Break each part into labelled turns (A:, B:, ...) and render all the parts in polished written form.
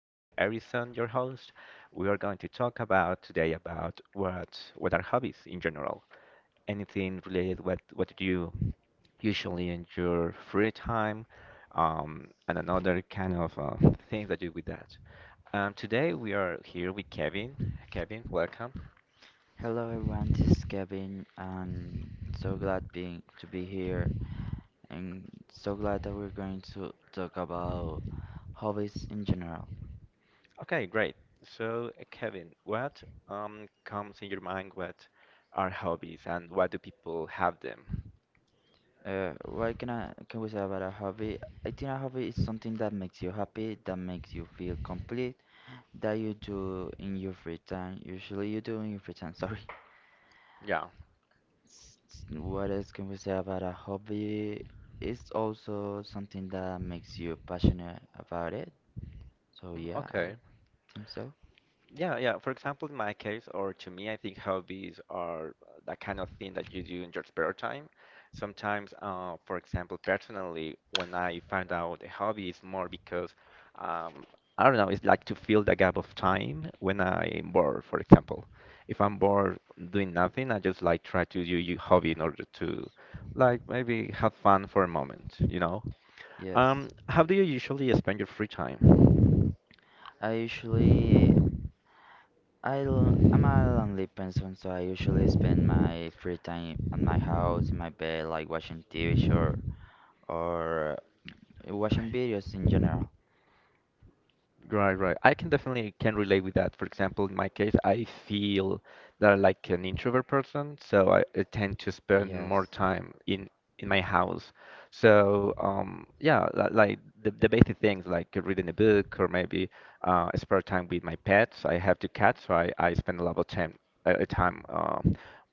A: This is Harrison, your host. We are going to talk about today about what are hobbies in general. Anything related what do you usually in your free time, and another kind of things that you do with that. Today we are here with Kevin. Kevin, welcome.
B: Hello everyone, this is Kevin, and so glad being to be here and so glad that we're going to talk about hobbies in general.
A: Okay, great. So, Kevin, what comes in your mind? What are hobbies and why do people have them?
B: What can we say about a hobby? I think a hobby is something that makes you happy, that makes you feel complete, that you do in your free time. Usually you do in your free time, sorry.
A: Yeah.
B: What else can we say about a hobby? It's also something that makes you passionate about it. So
A: Mm.
B: yeah, I
A: Okay.
B: think so.
A: Yeah, yeah. For example, in my case, or to me, I think hobbies are that kind of thing that you do in your spare time. Sometimes, for example, personally, when I find out a hobby, it's more because, um, I don't know, it's like to fill the gap of time when I'm bored, for example. If I'm bored doing nothing, I just like try to do your hobby in order to, like, maybe have fun for a moment, you know?
B: Yes.
A: How do you usually spend your free time?
B: I usually I'm a lonely person, so I usually spend my free time on my house, in my bed, like watching TV show or watching videos in general.
A: Right, right. I can definitely can relate with that. For example, in my case, I feel that I'm like an introvert person, so I tend to spend
B: Yes.
A: more time in my house. So, yeah, like the basic things like reading a book or maybe spare time with my pets. I have two cats, so I spend a lot of time uh, time uh,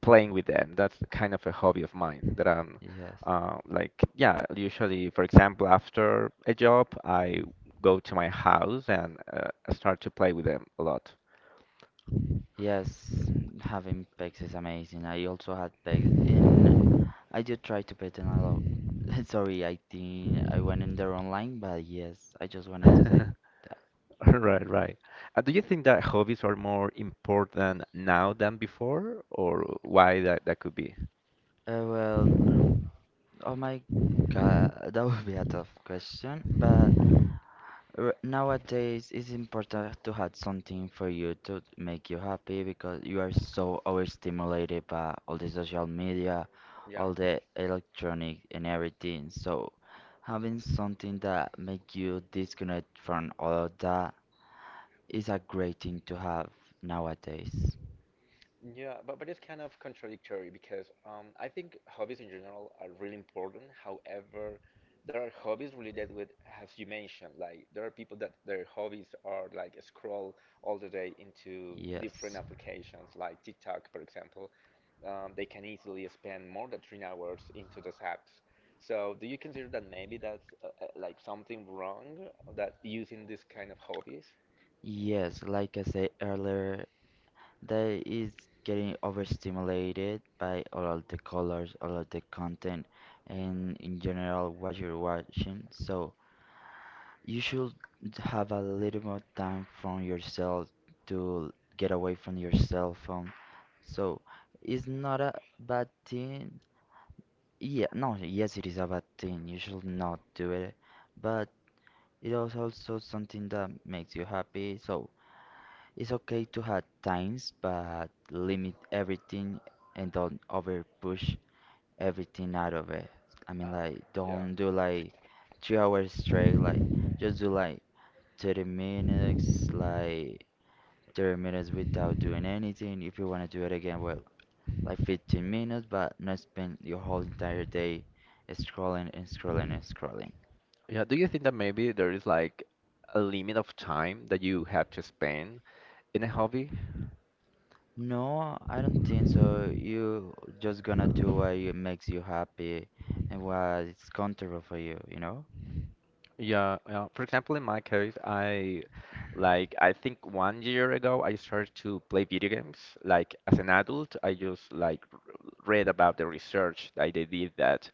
A: playing with them. That's kind of a hobby of mine that I'm
B: Yes.
A: like, yeah, usually, for example, after a job, I go to my house and I start to play with them a lot.
B: Yes, having pets is amazing. I also had pets in I do try to pay ten a lot. Sorry, I think I went in the wrong line, but yes, I just wanted to say that.
A: Right, right. Do you think that hobbies are more important now than before, or why that could be?
B: Well, oh my God, that would be a tough question, but nowadays it's important to have something for you to make you happy because you are so overstimulated by all the social media,
A: Yeah.
B: all the electronic and everything. So having something that make you disconnect from all of that is a great thing to have nowadays.
A: Yeah, but it's kind of contradictory because I think hobbies in general are really important. However, there are hobbies related with, as you mentioned, like there are people that their hobbies are like scroll all the day into different
B: Yes.
A: applications, like TikTok, for example. They can easily spend more than 3 hours into those apps. So, do you consider that maybe that's like something wrong that using this kind of hobbies?
B: Yes, like I said earlier, they is getting overstimulated by all of the colors, all of the content, and in general what you're watching. So you should have a little more time from yourself to get away from your cell phone. So it's not a bad thing. Yeah, no, yes, it is a bad thing. You should not do it. But it is also something that makes you happy. So it's okay to have times, but limit everything and don't over push everything out of it. I mean,
A: Oh,
B: like,
A: yeah.
B: don't do like 3 hours straight. Like, just do like 30 minutes, like 30 minutes without doing anything. If you want to do it again, well, like 15 minutes, but not spend your whole entire day scrolling and scrolling and scrolling.
A: Yeah, do you think that maybe there is like a limit of time that you have to spend in a hobby?
B: No, I don't think so. You just gonna do what you- makes you happy and what is comfortable for you, you know?
A: Yeah, yeah. For example, in my case, I think one year ago I started to play video games. Like as an adult, I just read about the research that they did that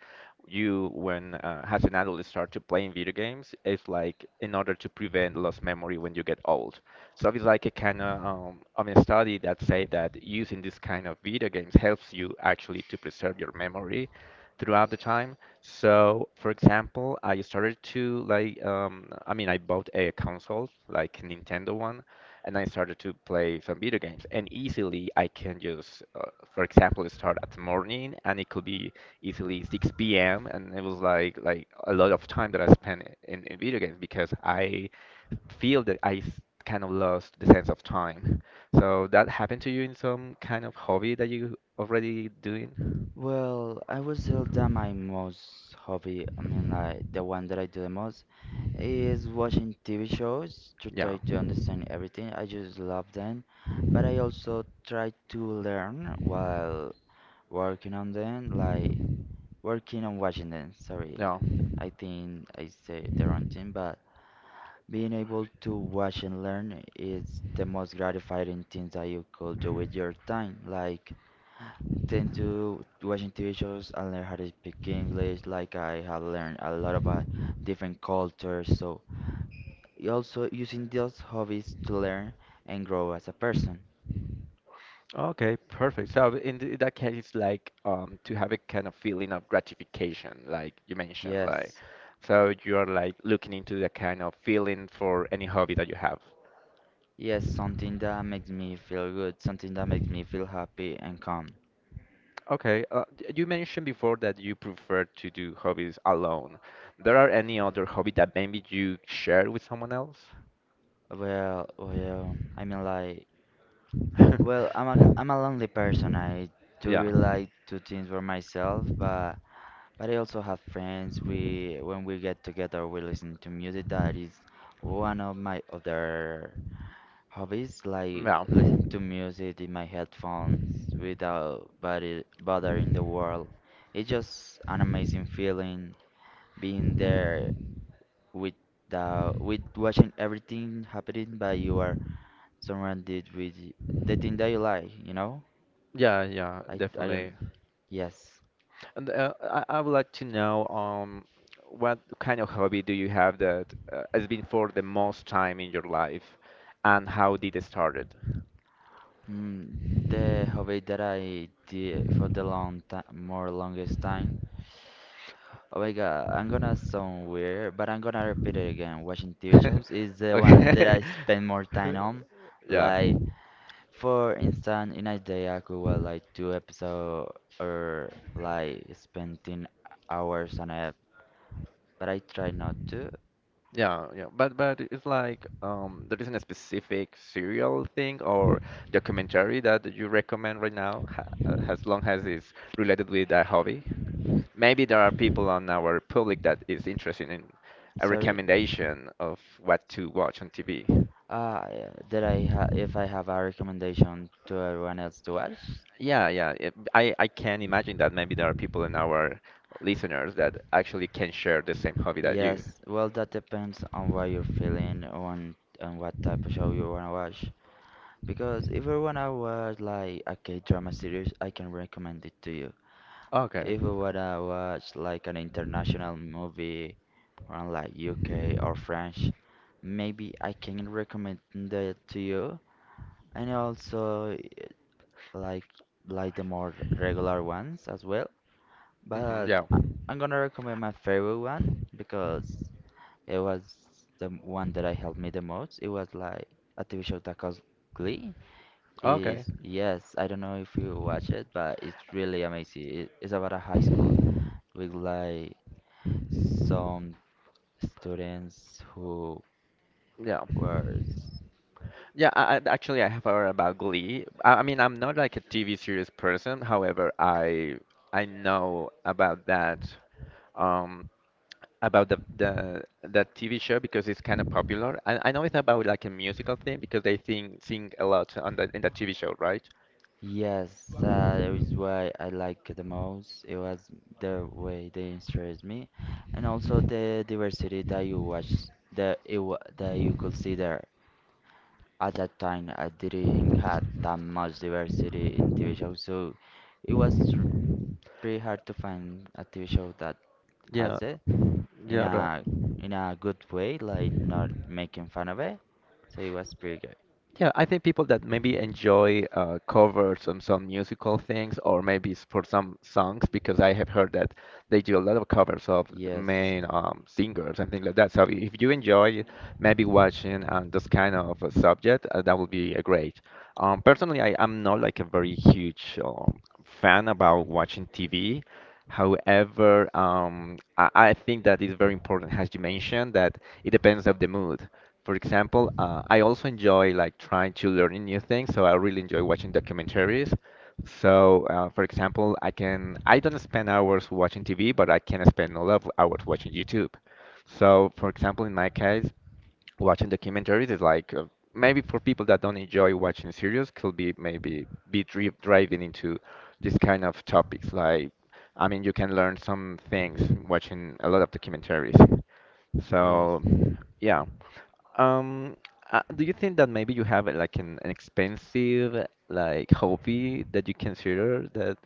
A: you when as an adult you start to playing video games is like in order to prevent lost memory when you get old. So it's like a kind of I mean study that say that using this kind of video games helps you actually to preserve your memory throughout the time. So, for example, I started to like, I mean, I bought a console, like Nintendo one, and I started to play some video games. And easily, I can just, for example, start at morning, and it could be easily 6 p.m. And it was like a lot of time that I spent in video games because I feel that kind of lost the sense of time. So that happened to you in some kind of hobby that you already doing?
B: Well, I would say that my most hobby, I mean, like the one that I do the most, is watching TV shows to
A: Yeah.
B: try to understand everything. I just love them, but I also try to learn while working on them, like working on watching them. Sorry,
A: No.
B: I think I said the wrong thing, but being able to watch and learn is the most gratifying things that you could do with your time. Like, tend to watching TV shows and learn how to speak English. Like I have learned a lot about different cultures, so also using those hobbies to learn and grow as a person.
A: Okay, perfect. So in that case, it's like to have a kind of feeling of gratification, like you mentioned, like
B: Yes,
A: so you are like looking into the kind of feeling for any hobby that you have.
B: yes, something that makes me feel good, something that makes me feel happy and calm.
A: Okay, you mentioned before that you prefer to do hobbies alone. There are any other hobby that maybe you share with someone else?
B: Well, I mean like, well, I'm a I'm a lonely person. I do
A: Yeah.
B: really like to things for myself, but I also have friends. We when we get together, we listen to music. That is one of my other hobbies, like
A: Yeah.
B: listen to music in my headphones without body, bothering the world. It's just an amazing feeling being there with the with watching everything happening, but you are surrounded with the thing that you like. You know,
A: Yeah, yeah,
B: I
A: definitely.
B: don't. Yes.
A: And I would like to know what kind of hobby do you have that has been for the most time in your life, and how did it started?
B: Mm, the hobby that I did for the long time, more longest time. Oh my God, I'm gonna sound weird, but I'm gonna repeat it again. Watching TV shows is the one that
A: Okay.
B: I spend more time on.
A: Yeah.
B: Like, for instance, in a day I could watch like two episodes or like spend 10 hours on it, but I try not to.
A: Yeah, yeah, but it's like there isn't a specific serial thing or documentary that you recommend right now, ha as long as it's related with a hobby. Maybe there are people on our public that is interested in a
B: Sorry.
A: recommendation of what to watch on TV.
B: Yeah, that I ha if I have a recommendation to everyone else to watch.
A: Yeah, yeah, I can imagine that maybe there are people in our listeners that actually can share the same hobby that you.
B: Yes, well, that depends on what you're feeling on and what type of show you wanna watch. Because if you wanna watch like a K-drama series, I can recommend it to you.
A: Okay.
B: If you wanna watch like an international movie from like UK or French, maybe I can recommend that to you. And also like like the more regular ones as well.
A: Hmm,
B: But
A: yeah.
B: I- I'm gonna recommend my favorite one because it was the one that I helped me the most. It was like a TV show that calls Glee.
A: Okay.
B: Is yes, I don't know if you watch it, but it's really amazing. It's about a high school with like some students who
A: Yeah.
B: were.
A: Yeah, actually, I have heard about Glee. I mean, I'm not like a TV series person. However, I know about that um about the that TV show because it's kind of popular. I know it's about like a musical thing because they sing a lot on the in the TV show, right?
B: Yes, that is why I like the most. It was the way they interest me, and also the diversity that you watch that it wa that you could see there. At that time, I didn't have that much diversity in TV shows, so it was pretty hard to find a TV show that
A: Yeah,
B: has it in
A: yeah, the-
B: a good way, like not making fun of it. So it was pretty good.
A: Yeah, I think people that maybe enjoy covers on some musical things, or maybe for some songs, because I have heard that they do a lot of covers of the
B: Yes,
A: main singers and things like that. So if you enjoy maybe watching this kind of a subject, that would be great. Personally, am not like a very huge fan about watching TV. However, I think that is very important, as you mentioned, that it depends of the mood. For example, I also enjoy like trying to learn new things, so I really enjoy watching documentaries. So, for example, I don't spend hours watching TV, but I can spend a lot of hours watching YouTube. So, for example, in my case, watching documentaries is like maybe for people that don't enjoy watching series could be maybe be driving into this kind of topics like I mean you can learn some things watching a lot of documentaries
B: yes.
A: so yeah um do you think that maybe you have like an expensive like hobby that you consider that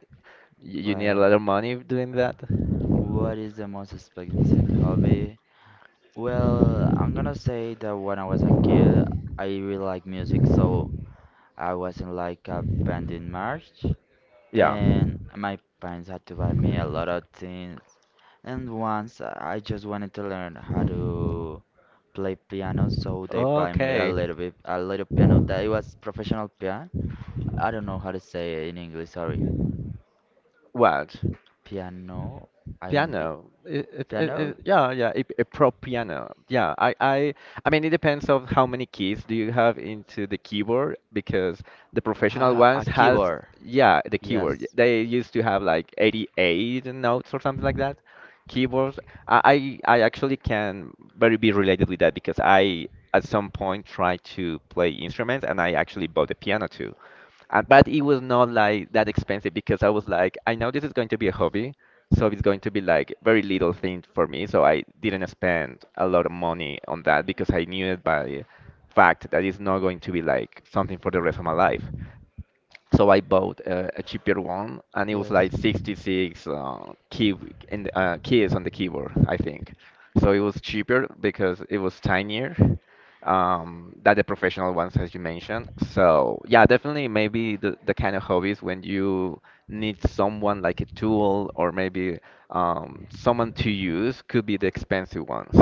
A: you need a
B: Well,
A: lot of money doing that
B: what is the most expensive hobby? Well, I'm gonna say that when I was a kid, I really liked music, so I was in like a band in March,
A: yeah
B: and my parents had to buy me a lot of things. And once I just wanted to learn how to play piano, so they buy me a
A: okay
B: little bit, a little piano that it was professional piano. I don't know how to say it in English, sorry.
A: what
B: Piano, I
A: Piano.
B: piano.
A: Yeah, yeah, a pro piano. Yeah, I mean, it depends of how many keys do you have into the keyboard because the professional
B: Ah, a
A: ones has,
B: keyboard.
A: yeah, the keyboard.
B: Yes.
A: They used to have like 88 notes or something like that. Keyboards. I actually can very be related with that because I at some point tried to play instruments and I actually bought a piano too. But it was not like that expensive because I was like, I know this is going to be a hobby, so it's going to be like very little thing for me. So I didn't spend a lot of money on that because I knew it by fact that it's not going to be like something for the rest of my life. So I bought a cheaper one, and it was like
B: Yes.
A: 66 key in the, keys on the keyboard, I think. So it was cheaper because it was tinier than the professional ones, as you mentioned. So yeah, definitely maybe the kind of hobbies when you need someone like a tool or maybe someone to use could be the expensive ones.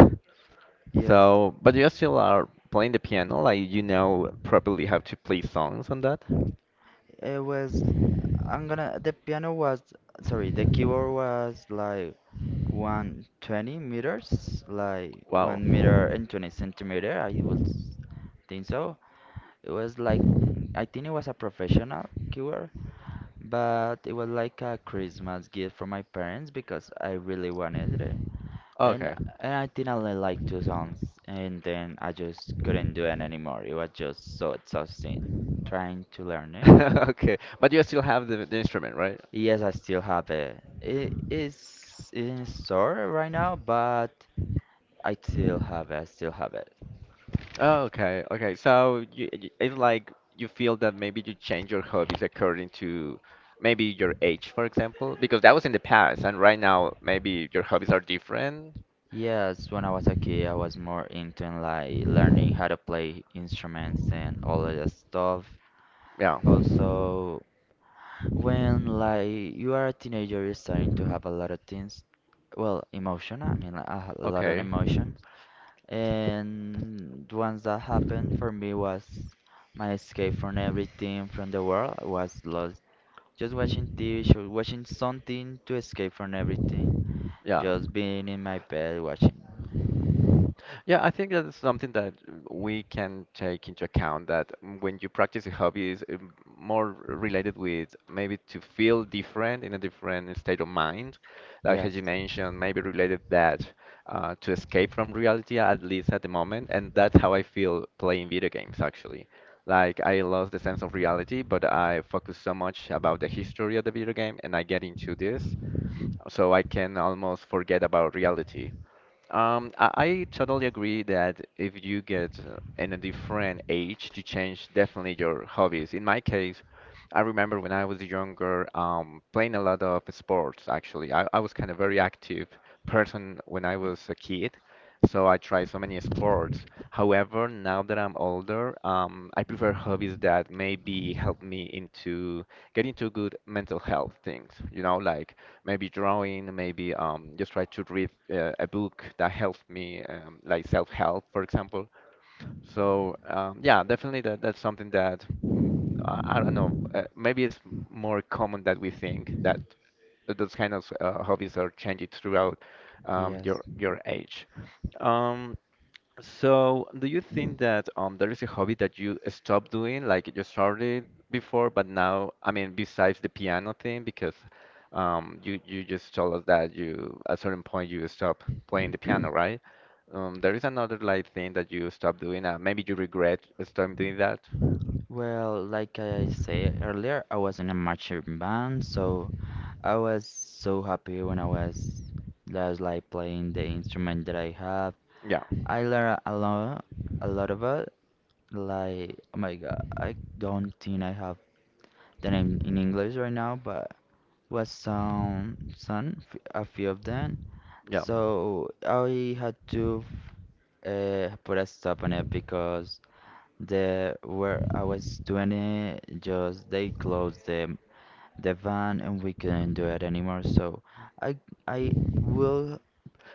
B: Yes.
A: So, but you still are playing the piano, like you know properly how to play songs on that.
B: It was. I'm gonna. The piano was. Sorry, the keyboard was like 120 meters, like
A: Wow.
B: 1 meter and 20 centimeter. I would think so. It was like. I think it was a professional keyboard. But it was like a Christmas gift from my parents because I really wanted it. And,
A: Okay.
B: and I didn't like two songs. And then I just couldn't do it anymore. It was just so exhausting trying to learn it.
A: Okay. But you still have the instrument, right?
B: Yes, I still have it. It is in store right now, but I still have it. I still have it.
A: Oh, okay. Okay. So it's like you feel that maybe you change your hobbies according to maybe your age, for example, because that was in the past, and right now maybe your hobbies are different.
B: Yes, when I was a kid, I was more into like learning how to play instruments and all of that stuff.
A: Yeah.
B: Also, when like you are a teenager, you're starting to have a lot of things, well, emotion. I mean, I had a lot of
A: Okay.
B: emotions, and the ones that happened for me was my escape from everything from the world I was lost. Just watching TV show, watching something to escape from everything.
A: Yeah.
B: Just being in my bed watching.
A: Yeah, I think that's something that we can take into account that when you practice a hobby is more related with maybe to feel different in a different state of mind, like
B: Yes,
A: as you mentioned, maybe related that to escape from reality at least at the moment, and that's how I feel playing video games actually. Like I lost the sense of reality, but I focus so much about the history of the video game, and I get into this, so I can almost forget about reality. I totally agree that if you get in a different age, you change definitely your hobbies. In my case, I remember when I was younger, playing a lot of sports actually. I was kind of very active person when I was a kid. So I try so many sports. However, now that I'm older, I prefer hobbies that maybe help me into get into good mental health things. You know, like maybe drawing, maybe just try to read a book that helps me, like self-help, for example. So yeah, definitely that's something that mm, I don't know. Maybe it's more common that we think that those kind of hobbies are changing throughout
B: yes.
A: your age. Um, so do you think that there is a hobby that you stopped doing, like you started before, but now, I mean, besides the piano thing, because you just told us that you at a certain point you stopped playing the piano, right? There is another like thing that you stop doing. Maybe you regret stopping doing that.
B: Well, like I said earlier, I was in a marching band, so I was so happy when I was just like playing the instrument that I have.
A: Yeah,
B: I learned a lot about like oh my God, I don't think I have the name in English right now, but was a few of them.
A: yeah,
B: So I had to put a stop on it because. The Where I was doing it, just they closed the van and we couldn't do it anymore. So I I will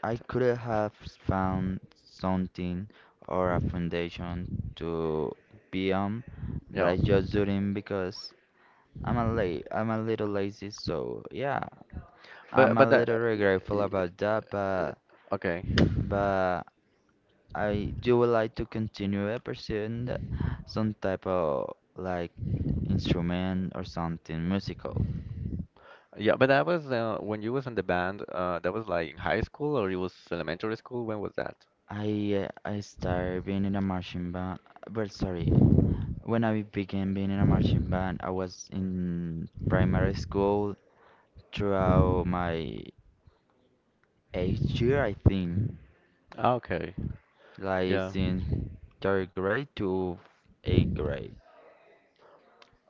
B: I could have found something or a foundation to be on, but
A: yeah.
B: I just didn't because I'm a little lazy. So yeah,
A: But
B: I'm a
A: but that,
B: little regretful
A: y-
B: about that, but
A: okay.
B: but I do would like to continue pursuing some type of like instrument or something musical.
A: Yeah, but that was when you was in the band. That was like in high school or it was elementary school. When was that?
B: I started being in a marching band, but sorry, when I began being in a marching band, I was in primary school throughout my eighth year, I think,
A: Ah, okay.
B: like
A: Yeah.
B: since third grade to eighth grade.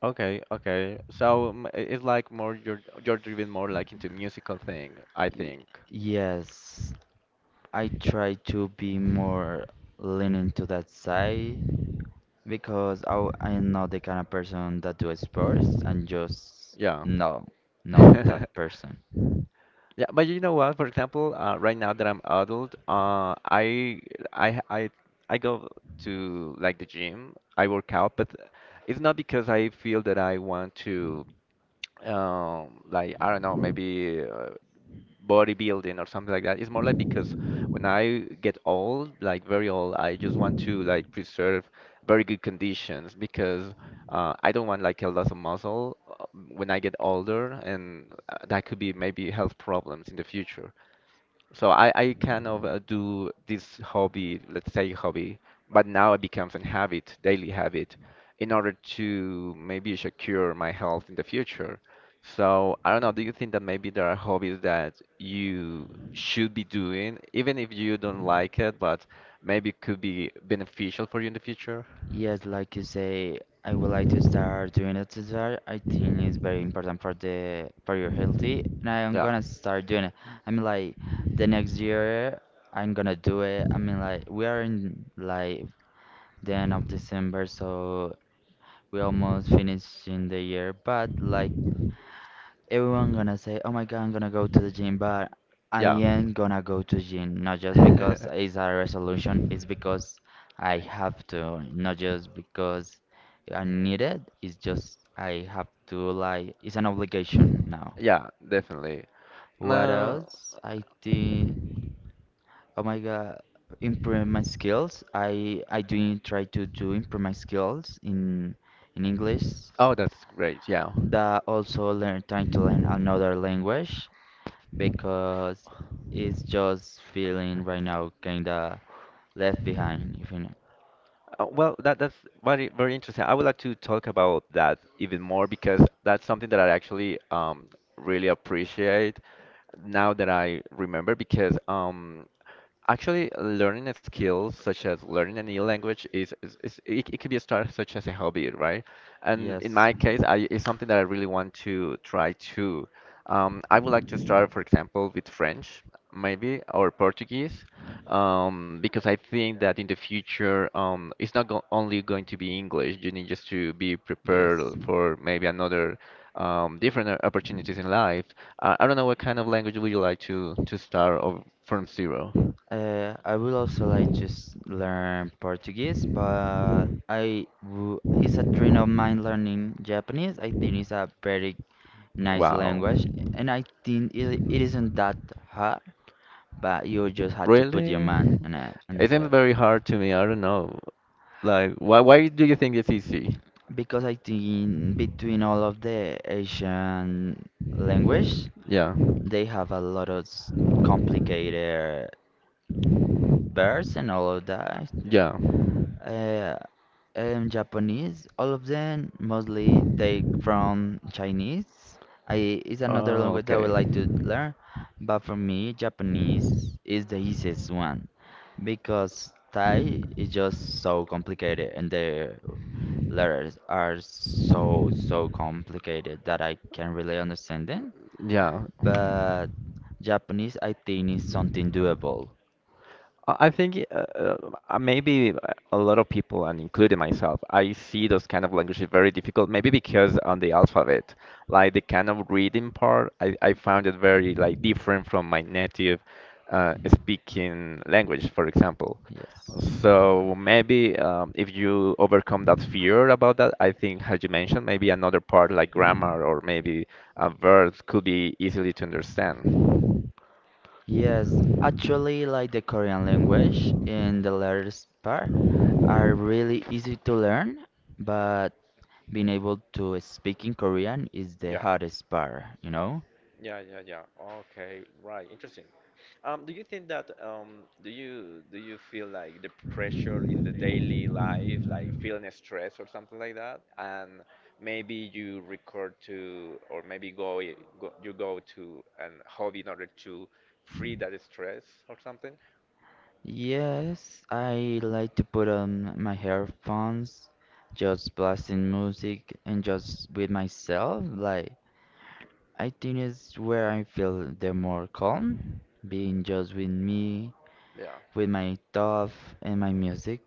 A: Okay, okay. So it's like more you're driven more like into musical thing, I
B: Y-
A: think.
B: Yes, I try to be more leaning to that side because I'm not the kind of person that do sports and just
A: Yeah.
B: no, not that person.
A: Yeah, but you know what? For example, right now that I'm adult, uh, I I I go to like the gym. I work out, but it's not because I feel that I want to like I don't know, maybe bodybuilding or something like that. It's more like because when I get old, like very old, I just want to like preserve very good conditions because I don't want like a loss of muscle when I get older, and that could be maybe health problems in the future. So I kind of do this hobby, let's say hobby, but now it becomes a habit, daily habit, in order to maybe secure my health in the future. So I don't know, do you think that maybe there are hobbies that you should be doing, even if you don't like it, but maybe it could be beneficial for you in the future?
B: Yes, like you say, I would like to start doing exercise. I think it's very important for the for your healthy, and I'm
A: Yeah,
B: gonna start doing it. I mean, like the next year, I'm gonna do it. I mean, like we are in like the end of December, so we almost finishing the year. But like everyone gonna say, "Oh my God, I'm gonna go to the gym," but I
A: yeah.
B: am gonna go to gym, not just because it's a resolution, it's because I have to, not just because I need it, it's just I have to, like, it's an obligation now.
A: Yeah, definitely.
B: What
A: No.
B: else? I think, oh my God, improve my skills. I do try to do improve my skills in English
A: Oh, that's great. Yeah.
B: that also learn trying to learn another language because it's just feeling right now kinda left behind, if you know.
A: Well, that's very very interesting. I would like to talk about that even more because that's something that I actually really appreciate now that I remember because actually, learning a skill such as learning a new language is it, could be a start such as a hobby, right? And in
B: Yes,
A: my case, I, it's something that I really want to try too. I would like to start, for example, with French, maybe, or Portuguese, because I think that in the future, it's not go only going to be English. You need just to be prepared
B: yes.
A: for maybe another different opportunities in life. I don't know what kind of language would you like to start of from zero.
B: I would also like to learn Portuguese, but I w it's a dream of mine learning Japanese. I think it's a very nice
A: Wow.
B: language, and I think it isn't that hard, but you just had to put your
A: Really?
B: mind on it
A: It
B: and
A: seems very hard to me. I don't know. Like, why do you think it's easy?
B: because I think between all of the Asian language,
A: Yeah.
B: they have a lot of complicated verbs and all of that.
A: Yeah.
B: Uh, in Japanese, all of them mostly take from Chinese. It's another
A: Oh,
B: language I would
A: okay.
B: like to learn, but for me, Japanese is the easiest one because Thai is just so complicated and the letters are so complicated that I can't really understand them.
A: Yeah.
B: But Japanese, I think, is something doable.
A: I think maybe a lot of people, and including myself, I see those kind of languages very difficult. Maybe because on the alphabet, like the kind of reading part, I found it very like different from my native speaking language, for example.
B: Yes.
A: So maybe if you overcome that fear about that, I think, as you mentioned, maybe another part like grammar or maybe verbs could be easily to understand.
B: Yes, actually, like the Korean language in the letters part are really easy to learn, but being able to speak in Korean is the
A: Yeah.
B: hardest part, you know?
A: Yeah, yeah, yeah. Okay, right. Interesting. Do you think that do you feel like the pressure in the daily life, like feeling stress or something like that, and maybe you record to, or maybe go, I- go you go to an hobby in order to free that stress or something?
B: Yes, I like to put on my headphones, just blasting music and just with myself. Like, I think it's where I feel the more calm, being just with me,
A: Yeah.
B: with my thoughts and my music.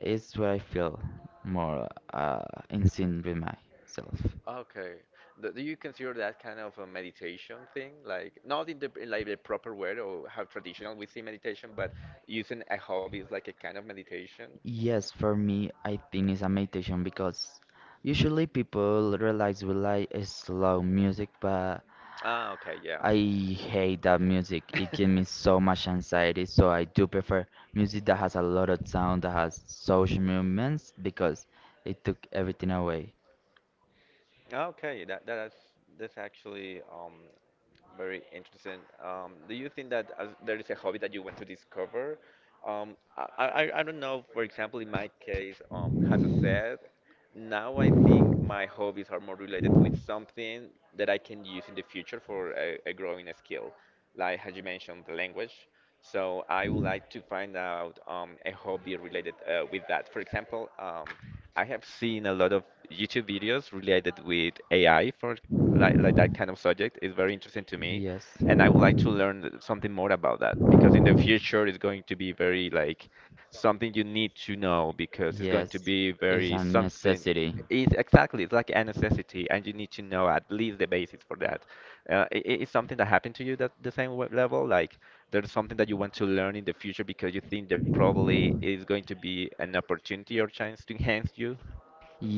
B: It's where I feel more in sync with myself.
A: Okay. Do you consider that kind of a meditation thing? Like not in the in like the proper way or how traditional we see meditation, but using a hobby is like a kind of meditation?
B: Yes, for me, I think it's a meditation because usually people realize we like slow music, but
A: Ah, okay, yes.
B: I hate that music. It gives me so much anxiety. So I do prefer music that has a lot of sound, that has social movements, because it took everything away.
A: Okay, that's that's actually very interesting. Do you think that as there is a hobby that you want to discover? I don't know. For example, in my case, as I said, now I think my hobbies are more related with something that I can use in the future for a growing skill, like as you mentioned, the language. So I would like to find out a hobby related with that. For example, I have seen a lot of YouTube videos related with AI for like that kind of subject. It's very interesting to me,
B: Yes,
A: and I would like to learn something more about that because in the future it's going to be very like something you need to know because it's going
B: yes,
A: to be
B: it's
A: very
B: a
A: something.
B: necessity.
A: It's exactly it's like a necessity, and you need to know at least the basis for that. Is something that happened to you that the same level like there's something that you want to learn in the future because you think that probably is going to be an opportunity or chance to enhance you?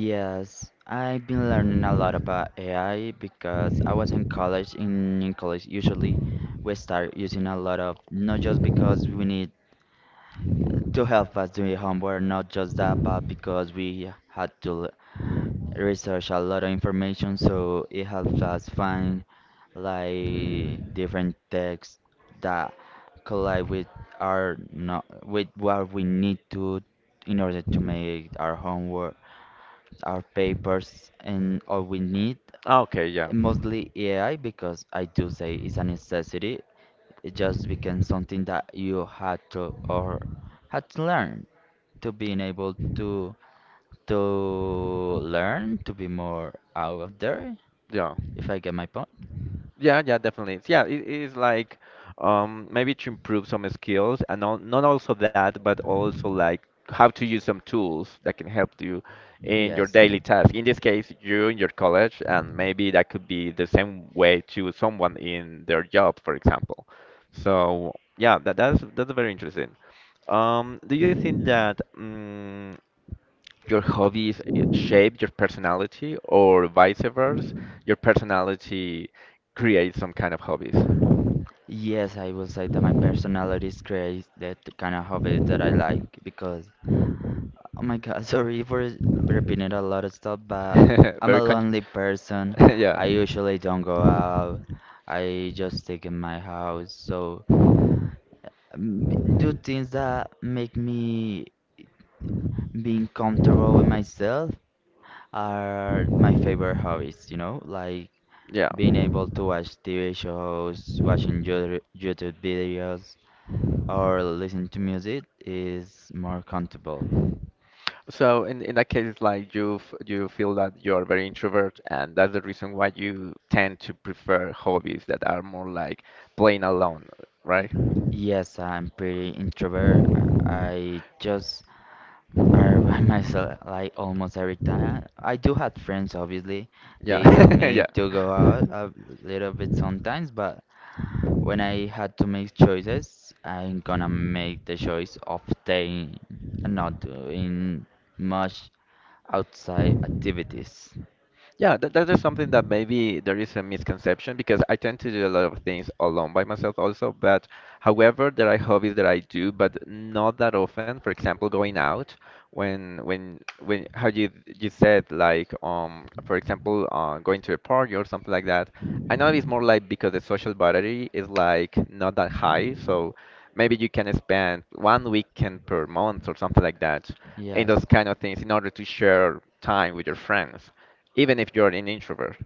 B: Yes, I've been learning a lot about AI because I was in college. In college, usually we start using a lot of not just because we need to help us do homework, not just that, but because we had to research a lot of information, so it helps us find like different texts that collide with our no, with what we need to in order to make our homework, our papers, and all we need.
A: Ah, okay, yeah.
B: Mostly AI because I do say it's a necessity. It just became something that you had to or had to learn to being able to learn to be more out of there
A: Yeah.
B: if I get my point.
A: Yeah, yeah, definitely. Yeah, it is like maybe to improve some skills and not also that, but also like how to use some tools that can help you in your
B: Yes.
A: daily task. In this case, you in your college, and maybe that could be the same way to someone in their job, for example. So yeah, that's that's very interesting. Do you think that? Your hobbies shape your personality, or vice versa, your personality creates some kind of hobbies.
B: Yes, I will say that my personality is creates that kind of hobby that I like because, oh my God, sorry for repeating a lot of stuff, but I'm a
A: Very con
B: lonely person.
A: yeah.
B: I usually don't go out. I just stay in my house. So do things that make me being comfortable with myself are my favorite hobbies, you know? Like
A: Yeah.
B: being able to watch TV shows, watching YouTube videos, or listen to music is more comfortable.
A: So in that case, like you you feel that you're very introvert, and that's the reason why you tend to prefer hobbies that are more like playing alone, right?
B: Yes, I'm pretty introvert. I just are by myself like almost every time. I do have friends, obviously. They help
A: Yeah,
B: me
A: yeah.
B: to go out a little bit sometimes, but when I had to make choices, I'm gonna make the choice of staying and not doing much outside activities.
A: Yeah, that, that is something that maybe there is a misconception because I tend to do a lot of things alone by myself also. But however, there are hobbies that I do, but not that often. For example, going out when how you said like for example going to a party or something like that. I know it's more like because the social battery is like not that high, so maybe you can spend one weekend per month or something like that in
B: Yes,
A: those kind of things in order to share time with your friends even if you're an introvert.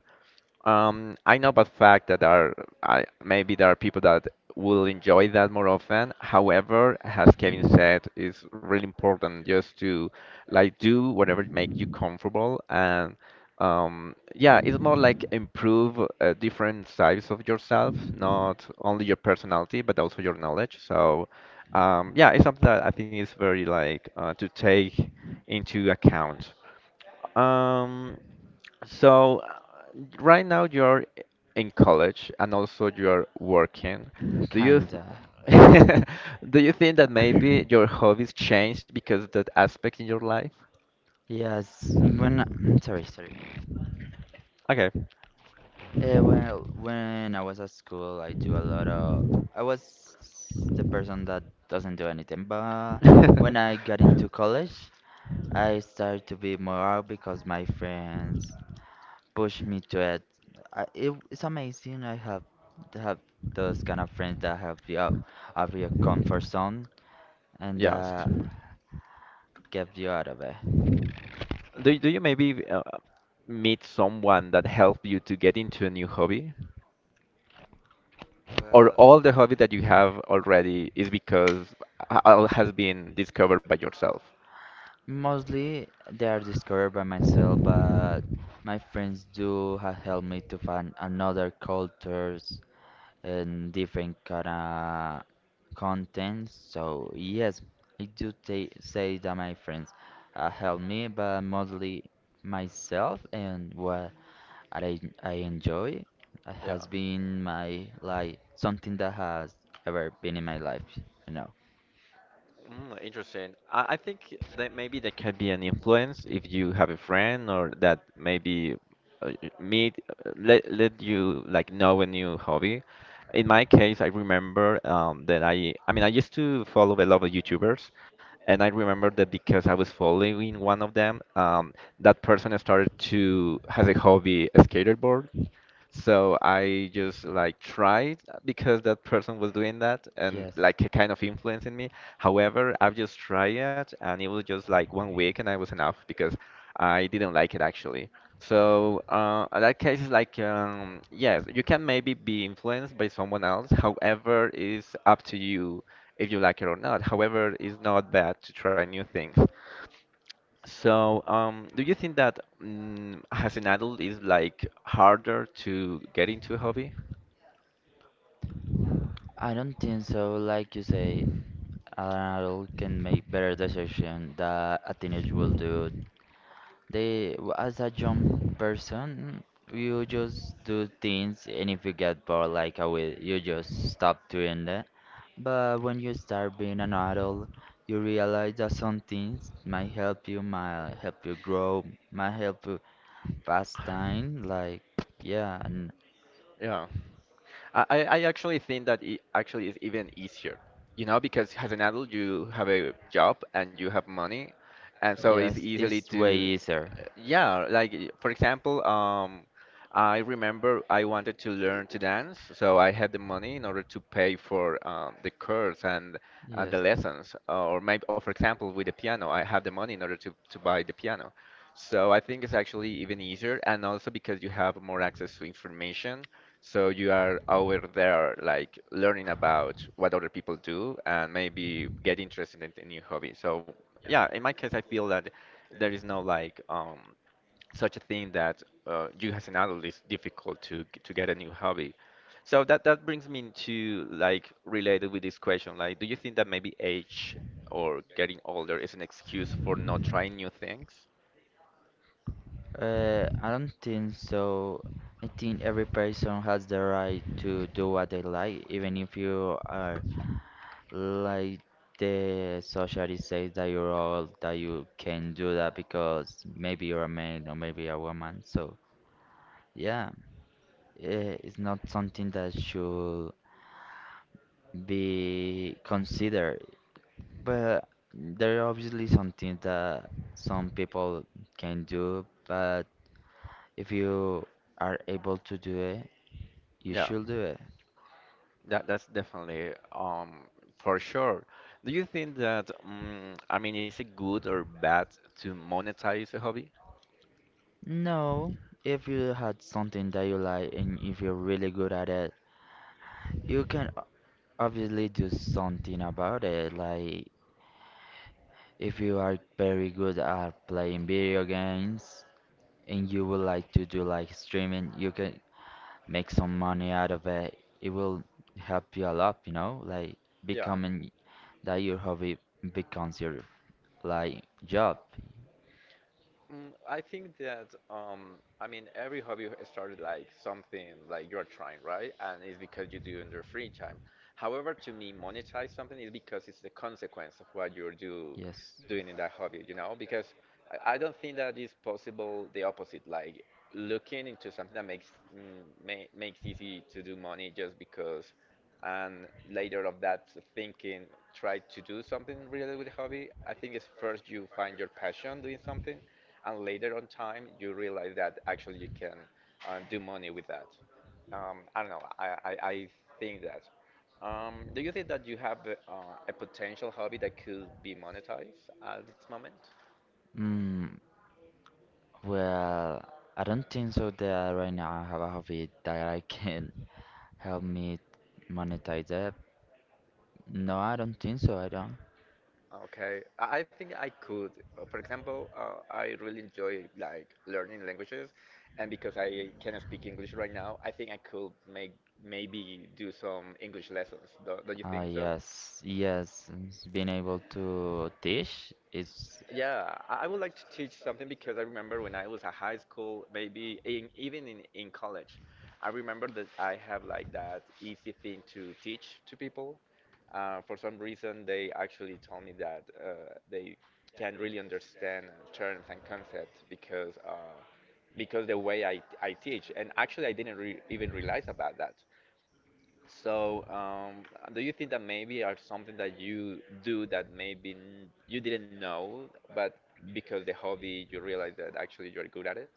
A: I know by fact that there are maybe there are people that will enjoy that more often. However, as Kevin said, it's really important just to like do whatever make you comfortable and yeah, it's more like improve different sides of yourself, not only your personality but also your knowledge. So yeah, it's something that I think is very like to take into account. Um, so right now you're in college and also you're working. Do you
B: kinda.
A: th do you think that maybe your hobbies changed because of that aspect in your life?
B: Yes, when sorry, sorry.
A: Okay.
B: Well, when I was at school, I do a lot of. I was the person that doesn't do anything. But when I got into college, I started to be more out because my friends pushed me to it. It it's amazing. I have to have those kind of friends that help you out of your comfort zone, and
A: Yes.
B: kept you out of it.
A: Do you maybe meet someone that helped you to get into a new hobby? Or all the hobby that you have already is because all has been discovered by yourself.
B: Mostly they are discovered by myself, but my friends do have helped me to find another cultures and different kind of contents. So yes, I do ta say that my friends help me, but mostly myself and what I enjoy
A: Yeah.
B: has been my like something that has ever been in my life, you know.
A: Mm, interesting. I think that maybe there can be an influence if you have a friend or that maybe meet let you like know a new hobby. In my case, I remember that I used to follow a lot of YouTubers, and I remember that because I was following one of them, that person started to has a hobby skateboard. So I just like tried because that person was doing that and like kind of influencing me. However, I've just tried it and it was just like 1 week and I was enough because I didn't like it actually. So in that case is like yes, you can maybe be influenced by someone else. However, it's up to you if you like it or not. However, it's not bad to try new things. So, do you think that as an adult is like harder to get into a hobby?
B: I don't think so, like you say, an adult can make better decisions than a teenager will do. They, as a young person, you just do things, and if you get bored, like I will, you just stop doing that. But when you start being an adult, you realize that some things might help you grow, might help you pass time. Like, yeah, and
A: Yeah. I actually think that it actually is even easier, you know, because as an adult you have a job and you have money, and so it's
B: yes,
A: easily
B: it's way
A: to,
B: easier.
A: yeah, like for example, I remember I wanted to learn to dance, so I had the money in order to pay for the course and the
B: Yes.
A: lessons, or maybe, or for example, with the piano, I had the money in order to buy the piano. So I think it's actually even easier, and also because you have more access to information so you are over there, like learning about what other people do and maybe get interested in a new hobby. So yeah, in my case, I feel that there is no like such a thing that you as an adult is difficult to get a new hobby. So that that brings me to like related with this question, like, do you think that maybe age or getting older is an excuse for not trying new things?
B: I don't think so. I think every person has the right to do what they like, even if you are like the society says that you're old, that you can do that because maybe you're a man or maybe a woman. So yeah, it's not something that should be considered. But there are obviously something that some people can do, but if you are able to do it, you
A: Yeah.
B: should do it.
A: That's definitely for sure. Do you think that I mean is it good or bad to monetize a hobby?
B: No, if you had something that you like and if you're really good at it, you can obviously do something about it. Like if you are very good at playing video games and you would like to do like streaming, you can make some money out of it. It will help you a lot, you know, like
A: Yeah.
B: becoming that your hobby becomes your like job.
A: Mm, I think that I mean every hobby started like something like you're trying, right? And it's because you do in your free time. However, to me, monetize something is because it's the consequence of what you're do
B: Yes.
A: doing in that hobby, you know? Because I don't think that is possible the opposite, like looking into something that makes mm, ma makes easy to do money just because, and later of that thinking try to do something related with hobby. I think it's first you find your passion doing something and later on time you realize that actually you can do money with that. I don't know. I think that. Do you think that you have uh, a potential hobby that could be monetized at this moment?
B: Mm, well, I don't think so that right now I have a hobby that I can help me monetize it. No, I don't think so. I don't.
A: Okay, I think I could. For example, I really enjoy like learning languages, and because I cannot speak English right now, I think I could make maybe do some English lessons. Do you
B: Ah,
A: think so?
B: yes, yes. Being able to teach is
A: Yeah, I would like to teach something because I remember when I was at high school, maybe even in college, I remember that I have like that easy thing to teach to people. For some reason, they actually told me that they can't really understand terms and concepts because the way I teach. And actually, I didn't re even realize about that. So, do you think that maybe are something that you do that maybe you didn't know, but because the hobby you realize that actually you're good at it?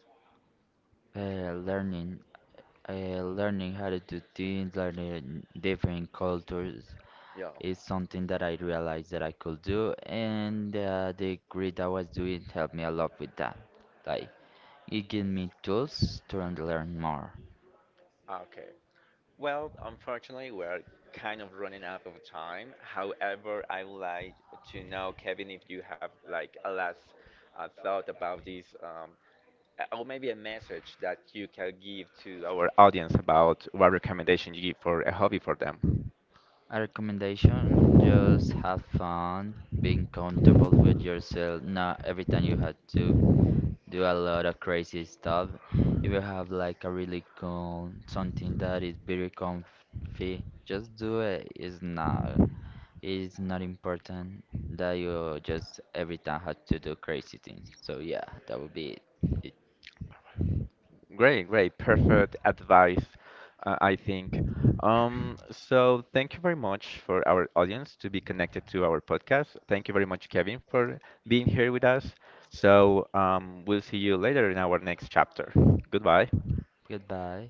B: Uh, learning, learning how to do things, learning different cultures
A: Yeah.
B: is something that I realized that I could do, and the grid I was doing helped me a lot with that. Like, it gave me tools to learn more.
A: Okay. Well, unfortunately, we're kind of running out of time. However, I would like to know, Kevin, if you have like a last thought about this, or maybe a message that you can give to our audience about what recommendation you give for a hobby for them.
B: A recommendation, just have fun, being comfortable with yourself. Not every time you have to do a lot of crazy stuff. If you have like a really cool something that is very comfy, just do it. It's not. It's not important that you just every time have to do crazy things. So yeah, that would be it.
A: Great, great, perfect advice, I think. So thank you very much for our audience to be connected to our podcast. Thank you very much, Kevin, for being here with us. So we'll see you later in our next chapter. Goodbye.
B: Goodbye.